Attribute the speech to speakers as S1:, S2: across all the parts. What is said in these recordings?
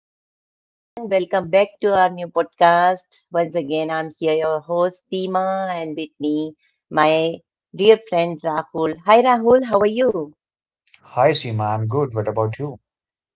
S1: Hello, everyone. Welcome back to our new podcast. Once again, I'm here, your host, Seema, and with me, my dear friend Rahul. Hi, Rahul. How are you?
S2: Hi Seema, I'm good. What about you?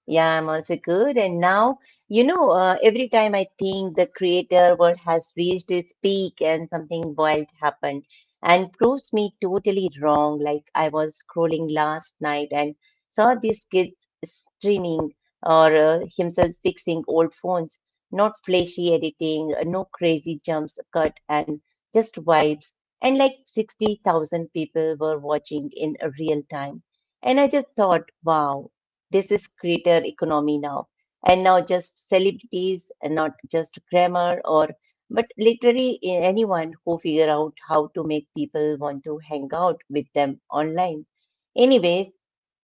S1: Yeah, I'm also good. And now, every time I think the creator world has reached its peak and something wild happened. And proves me totally wrong. Like I was scrolling last night and saw these kids streaming or himself fixing old phones, not flashy editing, no crazy jumps cut, and just vibes. And like 60,000 people were watching in a real time. And I just thought, wow, this is creator economy now. And now just celebrities, and not just grammar or but literally anyone who figure out how to make people want to hang out with them online. Anyways,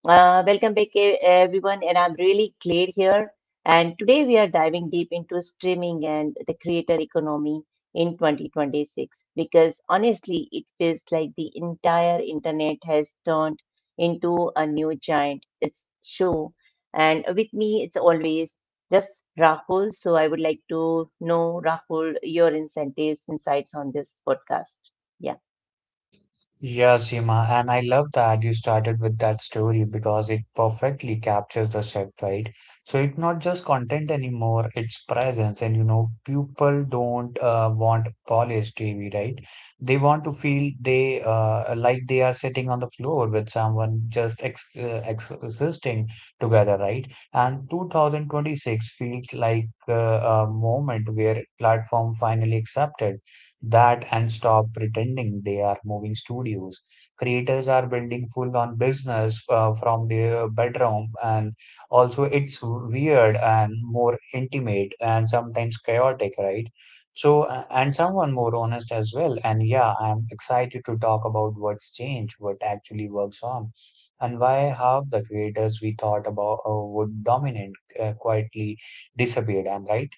S1: welcome back, everyone, and I'm really Claire here. And today we are diving deep into streaming and the creator economy in 2026 because honestly, it feels like the entire internet has turned into a new giant. It's show. And with me, it's always just Rahul. So I would like to know, Rahul, your incentives, insights on this podcast. Yeah.
S2: Yeah, Seema, and I love that you started with that story because it perfectly captures the shift, right? So it's not just content anymore, it's presence. And you know, people don't want polished TV, right? They want to feel they like they are sitting on the floor with someone just ex ex existing together, right? And 2026 feels like a moment where platform finally accepted that and stop pretending they are moving studios. Creators are building full on business from their bedroom, and also it's weird and more intimate and sometimes chaotic, right? And someone more honest as well. And yeah, I'm excited to talk about what's changed, what actually works on, and why half the creators we thought about would dominate quietly disappeared. I'm right.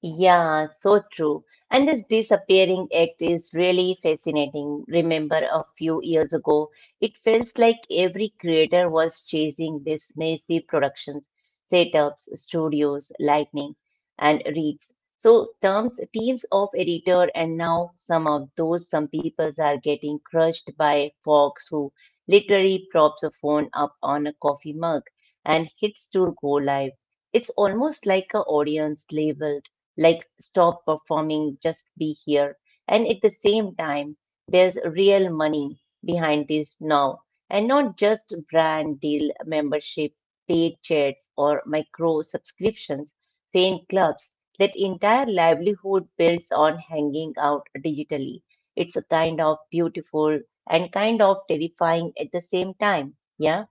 S1: Yeah, so true. And this disappearing act is really fascinating. Remember a few years ago, it feels like every creator was chasing this massive productions, setups, studios, lightning, and reads. So terms, teams of editor, and now some of those some peoples are getting crushed by folks who literally props a phone up on a coffee mug and hits to go live. It's almost like a audience label like stop performing, just be here. And at the same time, there's real money behind this now, and not just brand deal membership, paid chats, or micro subscriptions, fan clubs. That entire livelihood builds on hanging out digitally. It's a kind of beautiful and kind of terrifying at the same time. Yeah.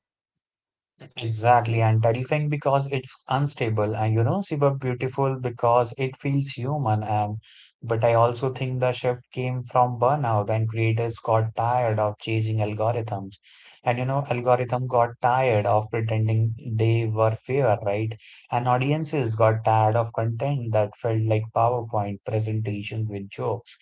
S2: Exactly, and terrifying because it's unstable, and you know, super beautiful because it feels human. And but I also think the shift came from burnout, and creators got tired of chasing algorithms, and you know, algorithm got tired of pretending they were fair, right? And audiences got tired of content that felt like PowerPoint presentations with jokes.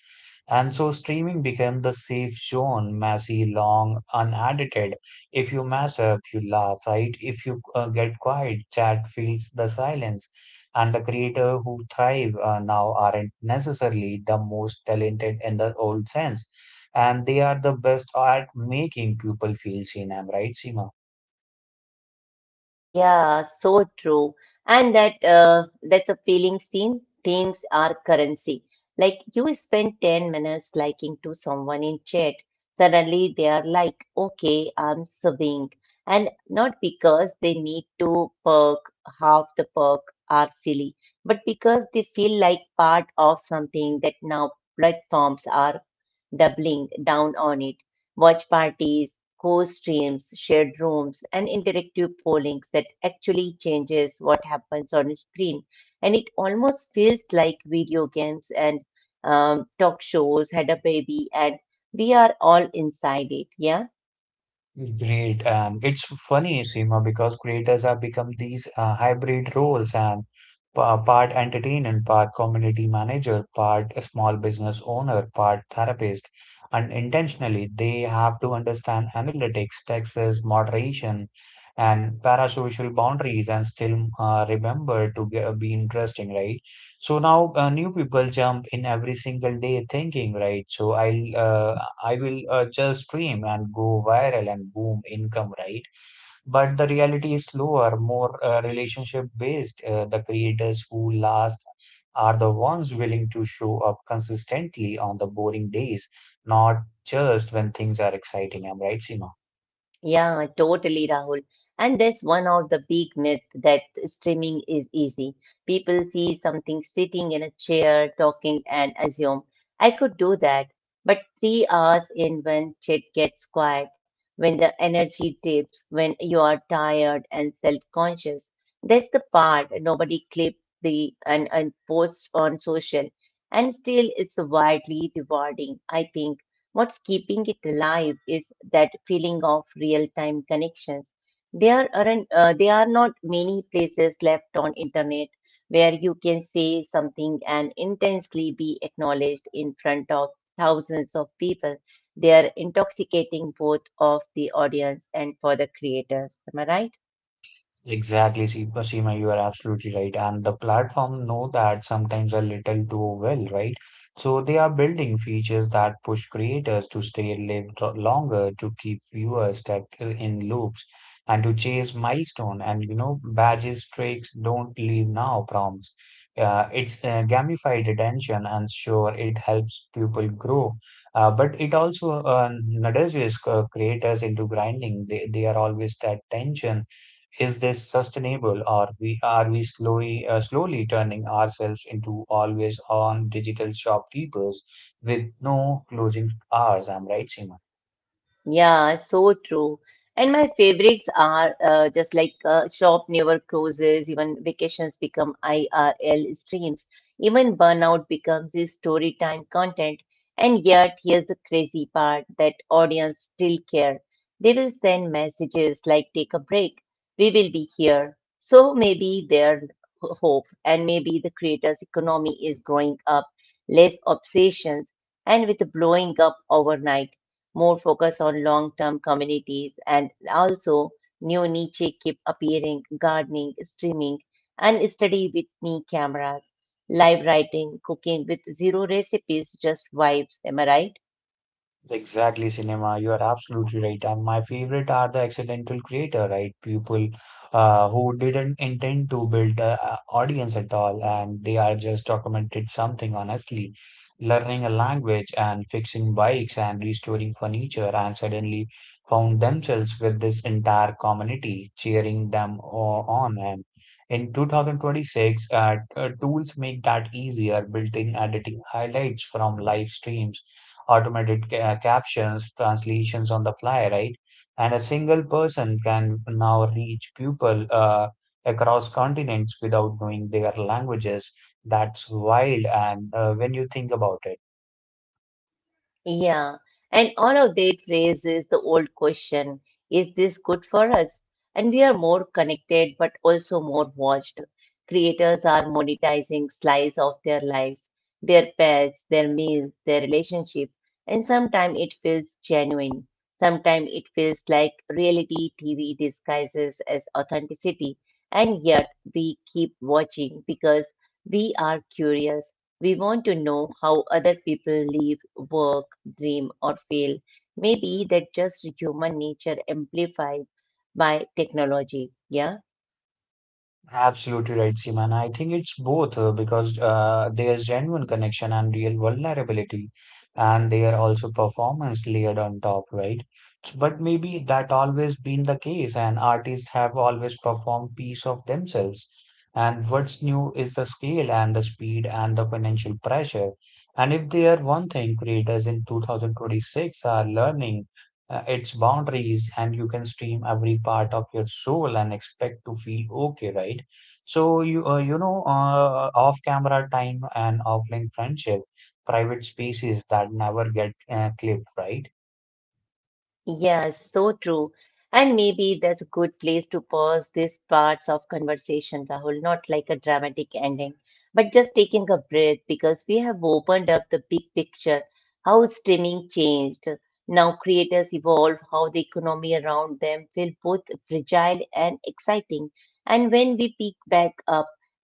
S2: And so streaming became the safe zone, messy, long, unedited, if you mess up, you laugh, right? If you get quiet, chat feels the silence. And the creator who thrive now aren't necessarily the most talented in the old sense. And they are the best at making people feel seen. I'm right, Seema?
S1: Yeah, so true. And that's a feeling scene. Things are currency. Like you spend 10 minutes liking to someone in chat. Suddenly they are like, okay, I'm subbing. And not because they need to perk, half the perk are silly, but because they feel like part of something that now platforms are doubling down on it. Watch parties, co streams, shared rooms, and interactive polling that actually changes what happens on screen. And it almost feels like video games and talk shows had a baby, and we are all inside it. Yeah.
S2: Great. And it's funny, Seema, because creators have become these hybrid roles and part entertainer, part community manager, part a small business owner, part therapist. Unintentionally, they have to understand analytics, taxes, moderation, and parasocial boundaries and still remember to be interesting, right? So now new people jump in every single day thinking, right? So I will just stream and go viral and boom income, right? But the reality is slower, more relationship based. The creators who last are the ones willing to show up consistently on the boring days, not just when things are exciting. I'm right, Seema.
S1: Yeah, totally, Rahul. And that's one of the big myths that streaming is easy. People see something sitting in a chair talking and assume, I could do that. But 3 hours in when shit gets quiet, when the energy dips, when you are tired and self-conscious. That's the part nobody clips the and posts on social. And still it's widely rewarding, I think. What's keeping it alive is that feeling of real-time connections. There are not many places left on internet where you can say something and intensely be acknowledged in front of thousands of people. They are intoxicating both of the audience and for the creators. Am I right?
S2: Exactly, Seema, you are absolutely right. And the platform know that sometimes a little too well, right? So they are building features that push creators to stay live longer, to keep viewers stuck in loops, and to chase milestone. And you know, badges, tricks, don't leave now prompts. It's gamified attention, and sure, it helps people grow, but it also nudges creators into grinding. They are always that tension is this sustainable, or we are we slowly slowly turning ourselves into always on digital shopkeepers with no closing hours? I'm right, Seema.
S1: Yeah, so true. And my favorites are just like shop never closes, even vacations become IRL streams, even burnout becomes a story time content. And yet, here's the crazy part that audience still care. They will send messages like take a break, we will be here. So maybe their hope and maybe the creators' economy is growing up, less obsessions and with blowing up overnight more focus on long-term communities and also new niche keep appearing, gardening, streaming, and study with me cameras, live writing, cooking with zero recipes, just vibes. Am I right?
S2: Exactly, cinema. You are absolutely right. And my favorite are the accidental creator, right? People who didn't intend to build an audience at all, and they are just documented something honestly, learning a language and fixing bikes and restoring furniture, and suddenly found themselves with this entire community cheering them on. And in 2026, tools make that easier, built-in editing highlights from live streams automated captions, translations on the fly, right? And a single person can now reach people across continents without knowing their languages. That's wild. And when you think about it,
S1: Yeah, and all of that raises the old question, is this good for us? And we are more connected, but also more watched. Creators are monetizing slice of their lives, their pets, their meals, their relationship, and sometimes it feels genuine. Sometimes it feels like reality TV disguises as authenticity, and yet we keep watching because we are curious. We want to know how other people live, work, dream, or fail. Maybe that's just human nature amplified by technology. Yeah.
S2: absolutely right, Seema. And I think it's both because there's genuine connection and real vulnerability, and they are also performance layered on top, right? But maybe that always been the case, and artists have always performed piece of themselves. And what's new is the scale and the speed and the financial pressure. And if they are one thing creators in 2026 are learning its boundaries and you can stream every part of your soul and expect to feel okay right so you know off camera time and offline friendship private spaces that never get clipped right
S1: Yes, so true. And maybe that's a good place to pause these parts of conversation, Rahul, not like a dramatic ending, but just taking a breath because we have opened up the big picture, how streaming changed. Now creators evolve, how the economy around them feel both fragile and exciting. And when we pick back up,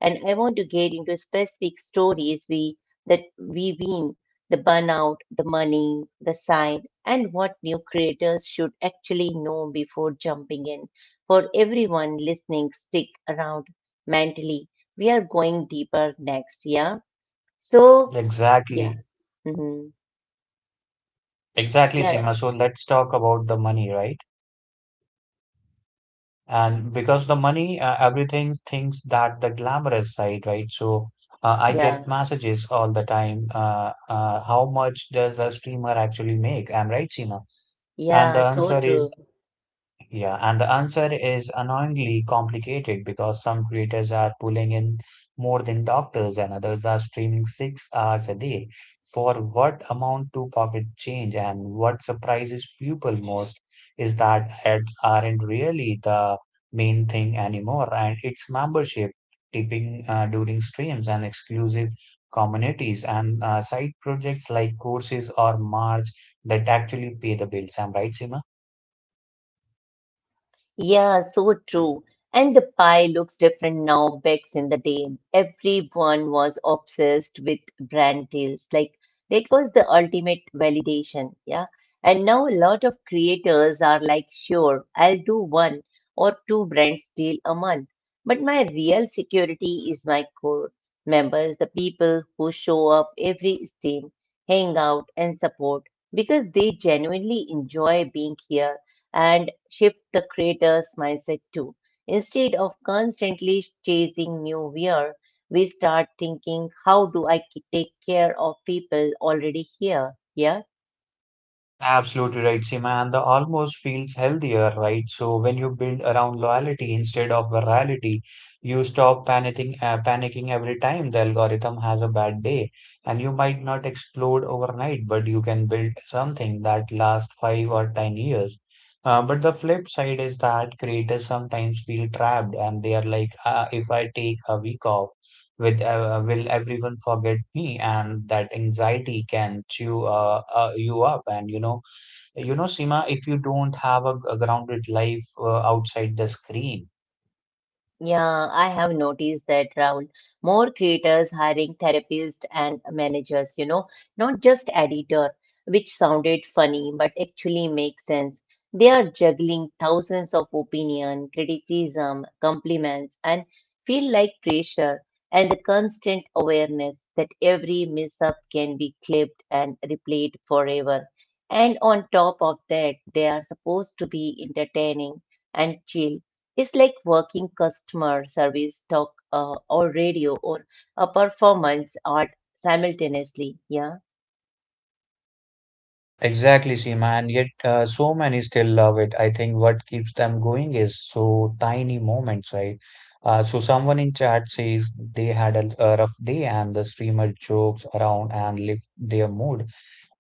S1: and I want to get into specific stories we that we've seen the burnout, the money, the side, and what new creators should actually know before jumping in. For everyone listening, stick around mentally. We are going deeper next, yeah? So, yeah.
S2: exactly
S1: Hmm.
S2: exactly
S1: Yeah,
S2: Sima so let's talk about the money right and because the money everything thinks that the glamorous side right so uh, I
S1: yeah,
S2: get messages all the time how much does a streamer actually make I'm right Sima? And
S1: yeah,
S2: the
S1: so
S2: answer
S1: true.
S2: is, yeah, and the answer is annoyingly complicated because some creators are pulling in more than doctors and others are streaming 6 hours a day. For what amount to pocket change and what surprises people most is that ads aren't really the main thing anymore and it's membership, tipping during streams and exclusive communities and side projects like courses or merch that actually pay the bills. I'm right, Sima?
S1: Yeah, so true. And the pie looks different now. Back in the day, everyone was obsessed with brand deals. Like that was the ultimate validation. Yeah. And now a lot of creators are like, sure, I'll do one or two brands deal a month. But my real security is my core members, the people who show up every stream, hang out and support because they genuinely enjoy being here and shift the creator's mindset too. Instead of constantly chasing new gear, we start thinking, how do I take care of people already here? Yeah.
S2: Absolutely right, Seema, and the almost feels healthier, right? So when you build around loyalty instead of virality, you stop panicking every time the algorithm has a bad day, and you might not explode overnight, but you can build something that lasts 5 or 10 years. But the flip side is that creators sometimes feel trapped, and they are like, if I take a week off, with will everyone forget me? And that anxiety can chew you up, and you know Seema, if you don't have a grounded life outside the screen.
S1: Yeah, I have noticed that, Rahul. More creators hiring therapists and managers, you know, not just editor, which sounded funny but actually makes sense. They are juggling thousands of opinion, criticism, compliments, and feel like pressure and the constant awareness that every mishap can be clipped and replayed forever. And on top of that, they are supposed to be entertaining and chill it's like working customer service, or radio, or a performance art simultaneously. Yeah.
S2: Exactly, Seema, and yet so many still love it. I think what keeps them going is so tiny moments, right? So someone in chat says they had a rough day and the streamer jokes around and lift their mood.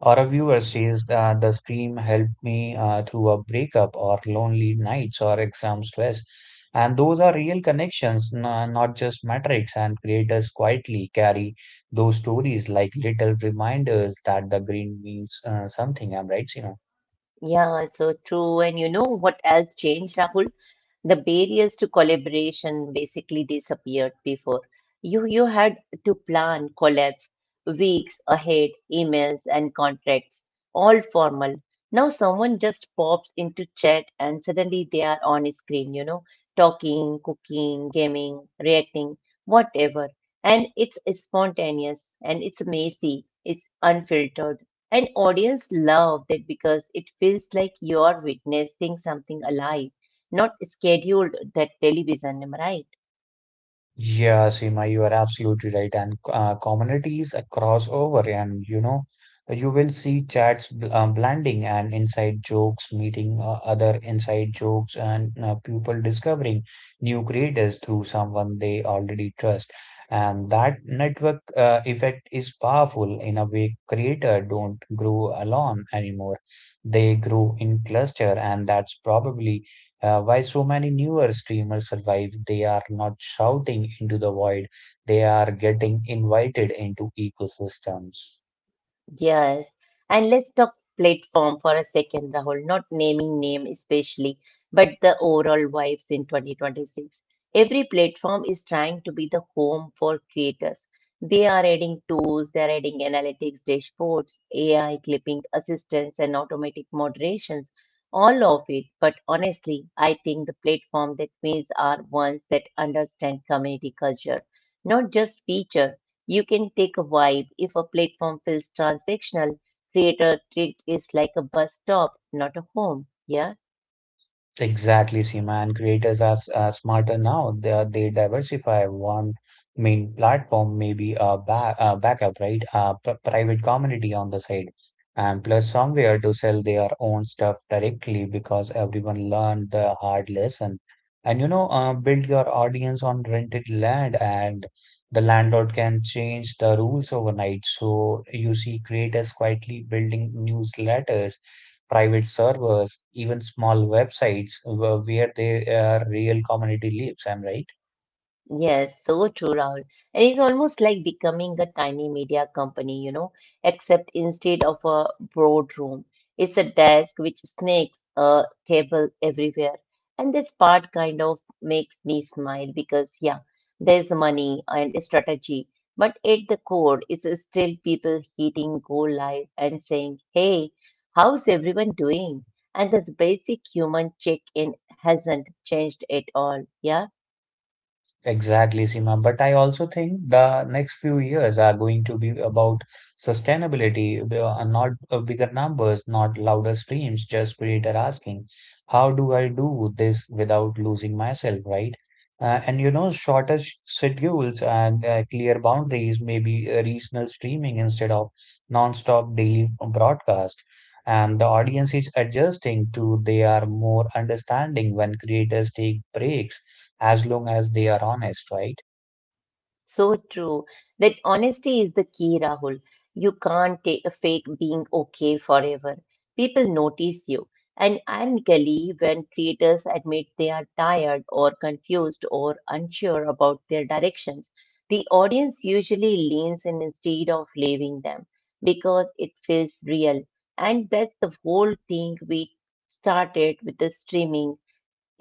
S2: Or a viewer says that the stream helped me through a breakup or lonely nights or exam stress. And those are real connections, not just metrics. And creators quietly carry those stories like little reminders that the green means something. I'm right, Sina?
S1: Yeah, so true. And you know what else changed, Rahul? The barriers to collaboration basically disappeared before. You had to plan collabs weeks ahead, emails and contracts, all formal. Now someone just pops into chat and suddenly they are on screen, you know, talking, cooking, gaming, reacting, whatever. And it's spontaneous and it's messy, it's unfiltered and audience love that because it feels like you're witnessing something alive, not scheduled that television, am I right?
S2: Yeah, Seema, you are absolutely right. And communities across over, and you know, you will see chats bl blending and inside jokes, meeting other inside jokes, and people discovering new creators through someone they already trust. And that network effect is powerful in a way creator don't grow alone anymore. They grow in cluster, and that's probably why so many newer streamers survive? They are not shouting into the void. They are getting invited into ecosystems.
S1: Yes. And let's talk platform for a second, Rahul. Not naming name especially, but the overall vibes in 2026. Every platform is trying to be the home for creators. They are adding tools, they are adding analytics, dashboards, AI clipping assistance, and automatic moderations, all of it. But honestly, I think the platform that wins are ones that understand community culture, not just feature. You can take a vibe if a platform feels transactional. Creator treat is like a bus stop, not a home. Yeah.
S2: Exactly, Seema. And creators are, are smarter now. They diversify one main platform, maybe a backup, right? A p private community on the side, and plus somewhere to sell their own stuff directly because everyone learned the hard lesson. And you know, build your audience on rented land, and the landlord can change the rules overnight. So you see creators quietly building newsletters private servers, even small websites where they real community lives. I'm right.
S1: Yes, so true, Rahul. And it's almost like becoming a tiny media company, you know, except instead of a boardroom, it's a desk which snakes a cable everywhere. And this part kind of makes me smile because, yeah, there's money and strategy, but at the core, it's still people hitting go live and saying, hey, how's everyone doing? And this basic human check-in hasn't changed at all. Yeah.
S2: Exactly, Seema. But I also think the next few years are going to be about sustainability, not bigger numbers, not louder streams, just creator asking, how do I do this without losing myself, right? And you know, shorter schedules and clear boundaries, maybe regional streaming instead of non-stop daily broadcast. And the audience is adjusting to they are more understanding when creators take breaks as long as they are honest, right?
S1: So true. That honesty is the key, Rahul. You can't take a fake being okay forever. People notice you. And ironically, when creators admit they are tired or confused or unsure about their directions, the audience usually leans in instead of leaving them because it feels real. And that's the whole thing we started with the streaming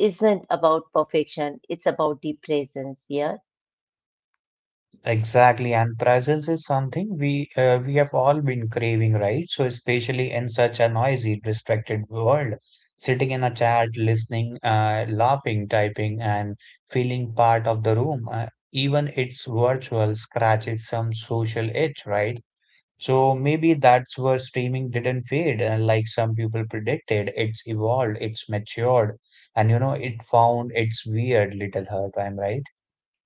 S1: isn't about perfection, it's about the presence, yeah.
S2: Exactly, and presence is something we have all been craving, right? So especially in such a noisy, distracted world, sitting in a chat, listening, laughing, typing, and feeling part of the room, even it's virtual, scratches some social itch, right? So maybe that's where streaming didn't fade, like some people predicted. It's evolved, it's matured, and you know, it found its weird little hurt. I'm right.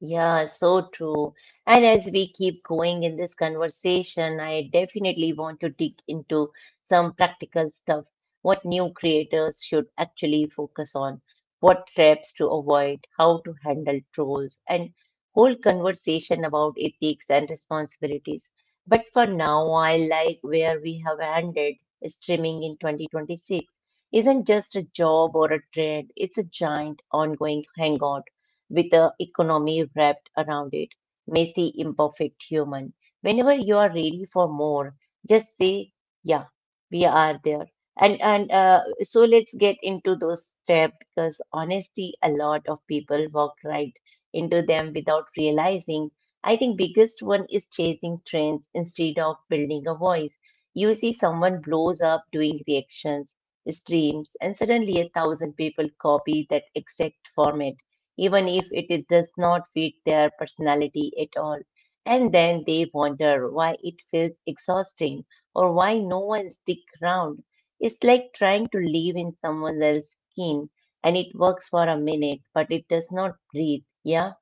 S1: Yeah, so true. And as we keep going in this conversation, I definitely want to dig into some practical stuff, what new creators should actually focus on, what traps to avoid, how to handle trolls, and whole conversation about ethics and responsibilities. But for now, I like where we have ended. Streaming in 2026 isn't just a job or a trend, it's a giant ongoing hangout with the economy wrapped around it, messy, imperfect human. Whenever you are ready for more, just say, "Yeah, we are there." And so let's get into those steps because honestly, a lot of people walk right into them without realizing. I think biggest one is chasing trends instead of building a voice. You see someone blows up doing reactions, streams, and suddenly a thousand people copy that exact format even if it does not fit their personality at all. And then they wonder why it feels exhausting or why no one stick around. It's like trying to live in someone else's skin and it works for a minute, but it does not breathe. Yeah.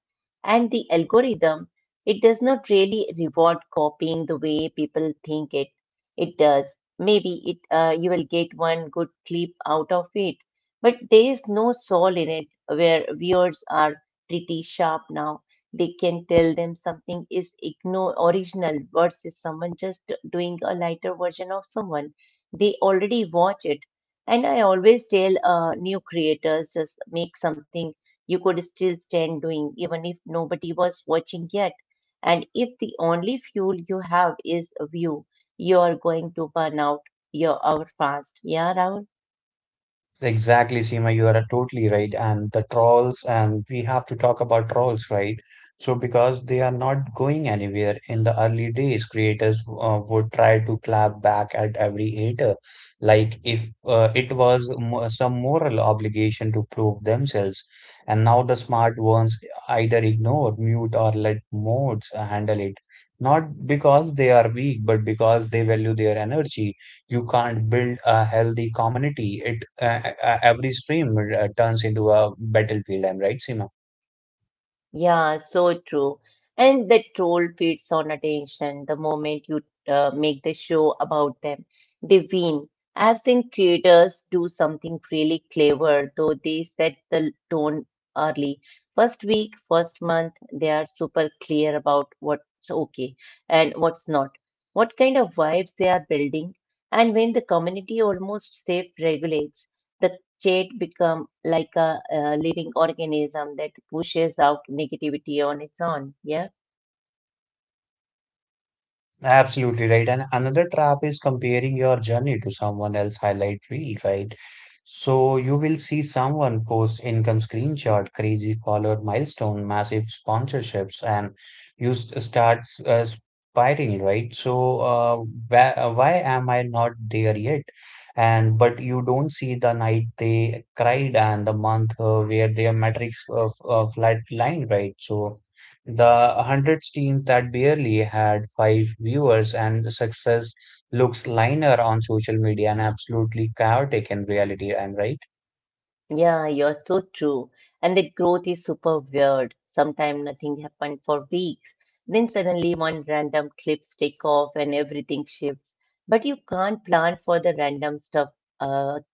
S1: And the algorithm, it does not really reward copying the way people think it. It does. Maybe it you will get one good clip out of it, but there is no soul in it where viewers are pretty sharp now. They can tell them something is original versus someone just doing a lighter version of someone. They already watch it. And I always tell new creators just make something you could still stand doing, even if nobody was watching yet. And if the only fuel you have is a view, you are going to burn out your hour fast. Yeah, Rahul?
S2: Exactly, Seema, you are totally right. And the trolls, and we have to talk about trolls, right? So, because they are not going anywhere in the early days, creators would try to clap back at every hater. Like if it was mo some moral obligation to prove themselves. And now the smart ones either ignore, mute, or let mods handle it. Not because they are weak, but because they value their energy you can't build a healthy community. It Every stream turns into a battlefield. I'm right, Seema?
S1: Yeah, so true. And the troll feeds on attention the moment you make the show about them. They win. I've seen creators do something really clever, though they set the tone early. First week, first month, they are super clear about what's okay and what's not, what kind of vibes they are building. And when the community almost self regulates, the Jade become like a living organism that pushes out negativity on its own. Yeah.
S2: Absolutely right. And another trap is comparing your journey to someone else highlight reel, right? So you will see someone post income screenshot, crazy followed milestone, massive sponsorships, and you start spiraling, right? So why am I not there yet? And but you don't see the night they cried and the month where their metrics flatlined, right? So the hundreds teams that barely had 5 viewers and success looks linear on social media and absolutely chaotic in reality. I'm right.
S1: Yeah, you're so true. And the growth is super weird. Sometimes nothing happened for weeks. Then suddenly one random clips take off and everything shifts. But you can't plan for the random stuff uh,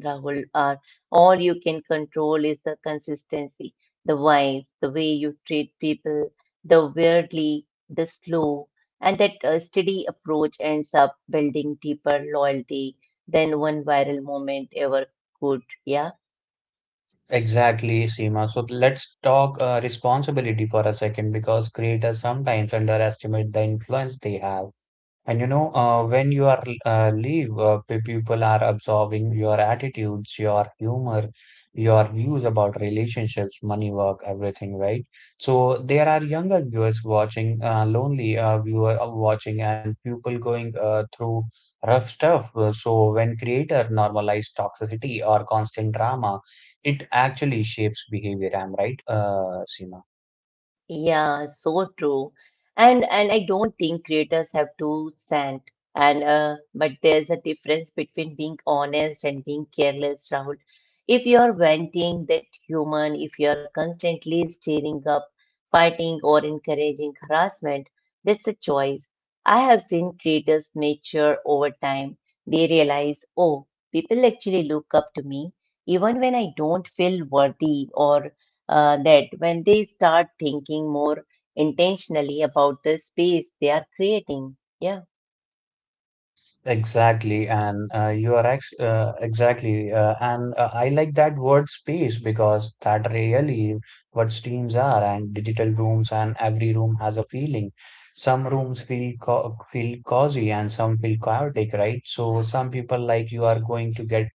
S1: Rahul, are all you can control is the consistency, the vibe, the way you treat people, the weirdly, the slow, and that steady approach ends up building deeper loyalty than one viral moment ever could. Yeah.
S2: Exactly, Seema. So let's talk responsibility for a second because creators sometimes underestimate the influence they have. And you know, when you are people are absorbing your attitudes, your humor, your views about relationships, money, work, everything, right? So there are younger viewers watching, lonely viewer watching, and people going through rough stuff. So when creator normalize toxicity or constant drama, it actually shapes behavior. I'm right, Seema?
S1: Yeah, so true. And I don't think creators have to send and but there's a difference between being honest and being careless, Rahul. If you're venting that human, if you're constantly stirring up fighting or encouraging harassment. That's a choice. I have seen creators mature over time. They realize, oh, people actually look up to me even when I don't feel worthy, or that when they start thinking more intentionally about the space they are creating. Yeah.
S2: Exactly, and you are ex exactly, and I like that word space because that really what streams are, and digital rooms, and every room has a feeling. Some rooms feel cozy, and some feel chaotic, right? So some people like you are going to get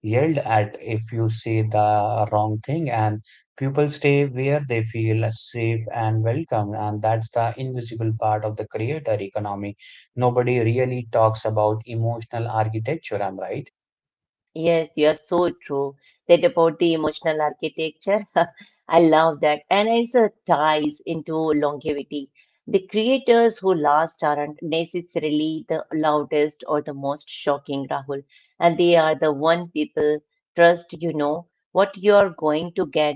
S2: yelled at if you say the wrong thing, and people stay where they feel safe and welcome, and that's the invisible part of the creator economy. Nobody really talks about emotional architecture, I'm right?
S1: Yes, you are so true. That about the emotional architecture, I love that. And it also ties into longevity. The creators who last aren't necessarily the loudest or the most shocking, Rahul. And they are the one people trust you know what you are going to get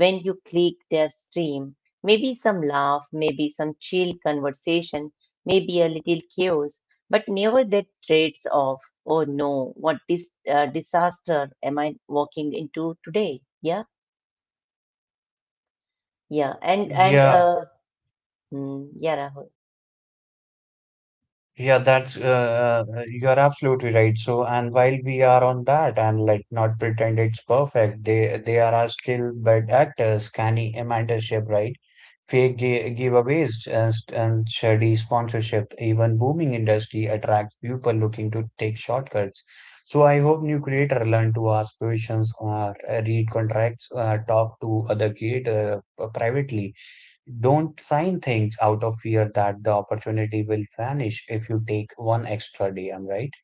S1: when you click their stream. Maybe some laugh, maybe some chill conversation, maybe a little chaos but never that traits of oh no, what disaster am I walking into today? Yeah, yeah,
S2: Yeah,
S1: yeah, Rahul.
S2: yeah, that's you're absolutely right. So, and while we are on that, and like not pretend it's perfect, they are our still bad actors, canny mentorship, right? Giveaways and shady sponsorship, even booming industry attracts people looking to take shortcuts. So, I hope new creator learn to ask questions or read contracts, talk to other creator privately. Don't sign things out of fear that the opportunity will vanish if you take one extra day. I'm right.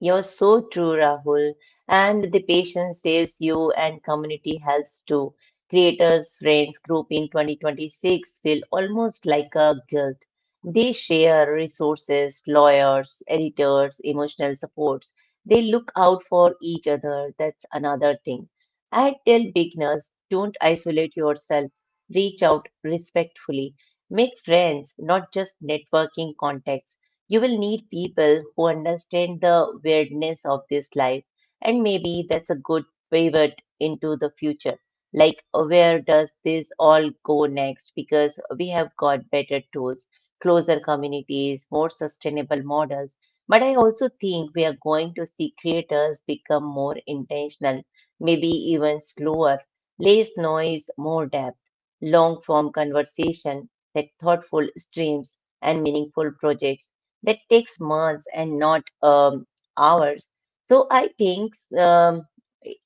S1: You're so true, Rahul. And the patient saves you, and community helps too. Creators, Friends Group in 2026 feel almost like a guild. They share resources, lawyers, editors, emotional supports. They look out for each other. That's another thing. I tell beginners don't isolate yourself, reach out respectfully. Make friends, not just networking contacts. You will need people who understand the weirdness of this life, and maybe that's a good pivot into the future. Like, where does this all go next? Because we have got better tools, closer communities, more sustainable models. But I also think we are going to see creators become more intentional, maybe even slower, less noise, more depth, long form conversation, that thoughtful streams and meaningful projects that takes months and not hours. So um,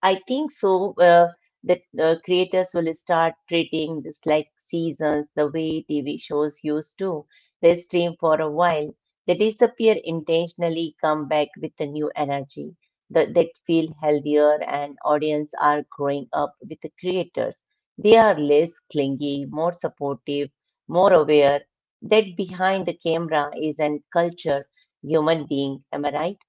S1: I think so that creators will start treating this like seasons the way TV shows used to. They stream for a while, they disappear intentionally, come back with a new energy that feel healthier and audience are growing up with the creators. They are less clingy, more supportive, more aware that behind the camera is an culture human being. Am I right?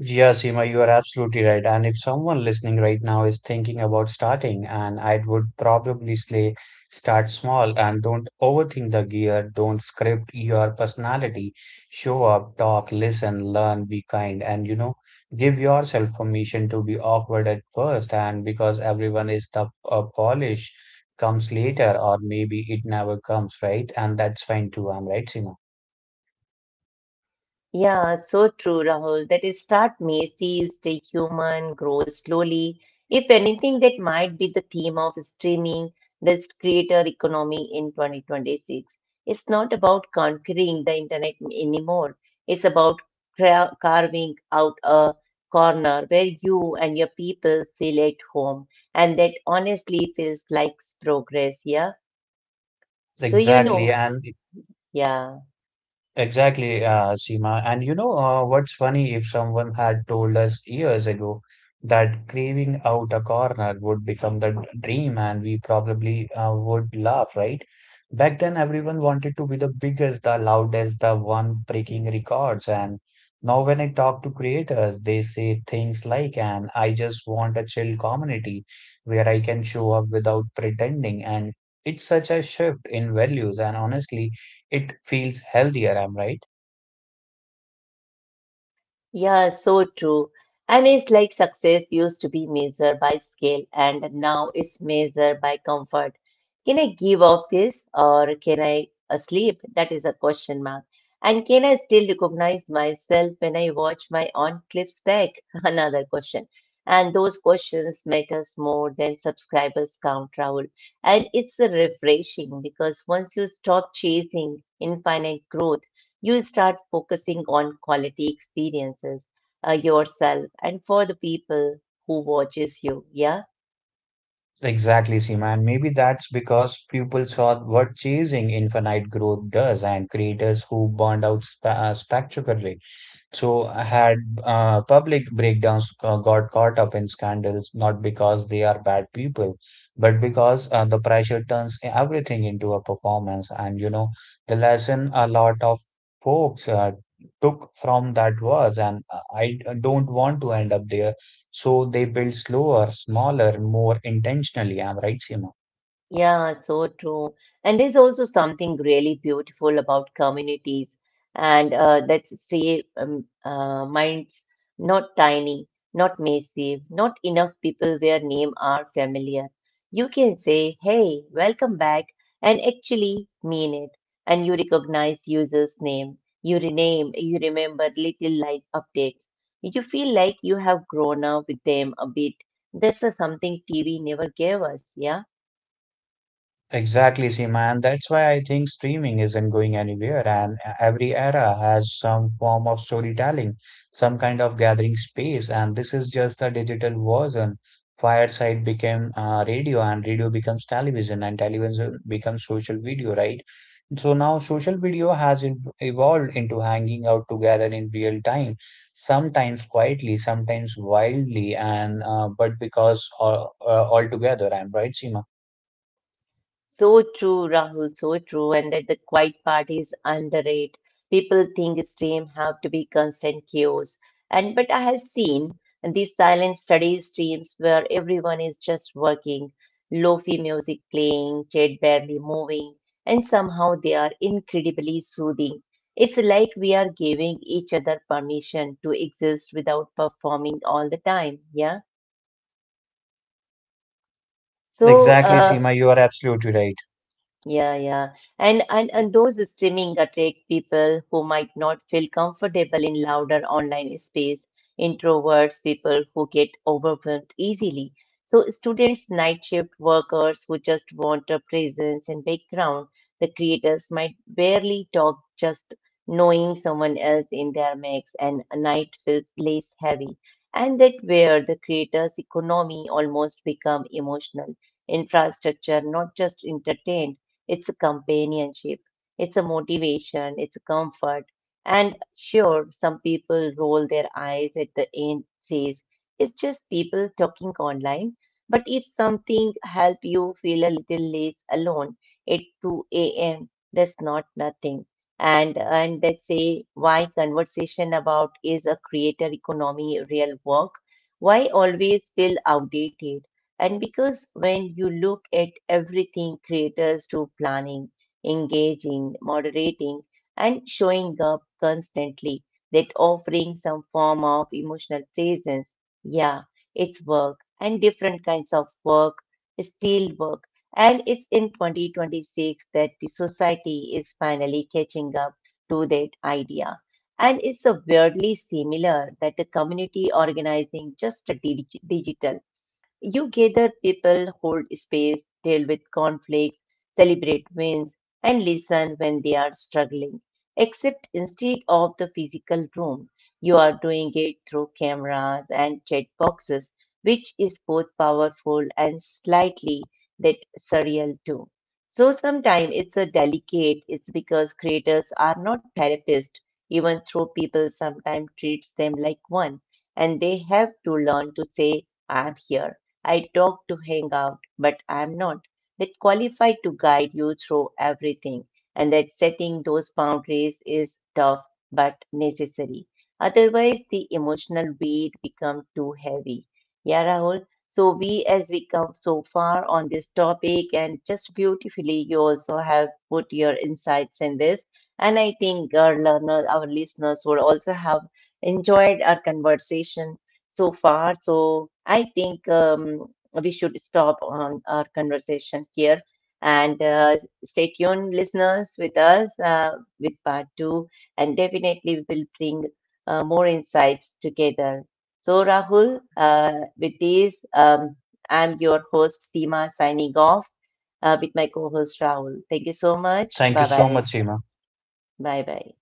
S2: Yeah, Seema, you are absolutely right. And if someone listening right now is thinking about starting, and I would probably say start small and don't overthink the gear, don't script your personality. Show up, talk, listen, learn, be kind, and you know, give yourself permission to be awkward at first. And because everyone is the polish comes later, or maybe it never comes, right? And that's fine too. I'm right, Seema.
S1: Yeah, so true, Rahul. That is start Macy's, stay human, grow slowly. If anything, that might be the theme of streaming this creator economy in 2026. It's not about conquering the internet anymore. It's about carving out a corner where you and your people feel at home. And that honestly feels like progress, yeah? So, you know,
S2: Exactly. And
S1: yeah,
S2: exactly, Seema. And you know, what's funny if someone had told us years ago that craving out a corner would become the dream, and we probably would laugh, right? Back then, everyone wanted to be the biggest, the loudest, the one breaking records. And now, when I talk to creators, they say things like, and I just want a chill community where I can show up without pretending. And it's such a shift in values. And honestly, it feels healthier, I'm right?
S1: yeah, so true. And it's like success used to be measured by scale and now it's measured by comfort. Can I give up this or can I sleep? That is a question mark. And can I still recognize myself when I watch my own clips back? Another question. And those questions matters more than subscribers count, Rahul. And it's refreshing because once you stop chasing infinite growth, you'll start focusing on quality experiences yourself and for the people who watches you, yeah.
S2: Exactly, Seema. And maybe that's because people saw what chasing infinite growth does, and creators who burned out sp spectacularly. So had public breakdowns got caught up in scandals, not because they are bad people, but because the pressure turns everything into a performance. And you know, the lesson a lot of folks took from that was, and I don't want to end up there. So they build slower, smaller, more intentionally. I'm right, Seema.
S1: Yeah, so true. And there's also something really beautiful about communities and that stay minds not tiny, not massive, not enough people where name are familiar. You can say, "Hey, welcome back," and actually mean it. And you recognize user's name, you rename, you remember little life updates. You feel like you have grown up with them a bit. This is something TV never gave us, yeah.
S2: Exactly, Seema. And that's why I think streaming isn't going anywhere. And every era has some form of storytelling, some kind of gathering space. And this is just a digital version. Fireside became radio, and radio becomes television, and television becomes social video, right? So now social video evolved into hanging out together in real time, sometimes quietly, sometimes wildly, and but because all together, I'm right, Seema?
S1: So true, Rahul, so true. And that the quiet part is underrated. People think stream have to be constant chaos. And but I have seen these silent study streams where everyone is just working, lofi music playing, chat barely moving, and somehow they are incredibly soothing. It's like we are giving each other permission to exist without performing all the time. Yeah. So
S2: Exactly,
S1: uh,
S2: Seema, you are absolutely right.
S1: Yeah, yeah. And those streaming attract people who might not feel comfortable in louder online space, introverts, people who get overwhelmed easily. So students, night shift workers who just want a presence and background, the creators might barely talk, just knowing someone else in their mix and a night feels less heavy. And that where the creators' economy almost become emotional infrastructure, not just entertainment it's a companionship, it's a motivation, it's a comfort. And sure, some people roll their eyes at the end, says it's just people talking online. But if something help you feel a little less alone at 2 a.m., that's not nothing. And let's say why conversation about is a creator economy real work? Why always feel outdated? And because when you look at everything creators do planning, engaging, moderating, and showing up constantly, that offering some form of emotional presence, yeah, it's work and different kinds of work, still work. And it's in 2026 that the society is finally catching up to that idea. And it's a weirdly similar that the community organizing just a digital you gather people, hold space, deal with conflicts, celebrate wins, and listen when they are struggling. Except instead of the physical room, you are doing it through cameras and chat boxes, which is both powerful and slightly that surreal too. So sometimes it's a delicate, it's because creators are not therapists, even though people sometimes treats them like one, and they have to learn to say, I'm here. I talk to hang out, but I'm not that qualified to guide you through everything. And that setting those boundaries is tough but necessary. Otherwise, the emotional weight becomes too heavy. Yeah, Rahul. So we, as we come so far on this topic, and just beautifully, you also have put your insights in this. And I think our learner, our listeners would also have enjoyed our conversation so far. So I think we should stop on our conversation here and stay tuned, listeners, with us with part two, and definitely we will bring more insights together. So Rahul, with this, um, I'm your host Seema signing off with my co-host Rahul. Thank you so much.
S2: Thank you
S1: Bye
S2: so
S1: bye.
S2: much, Seema.
S1: Bye bye.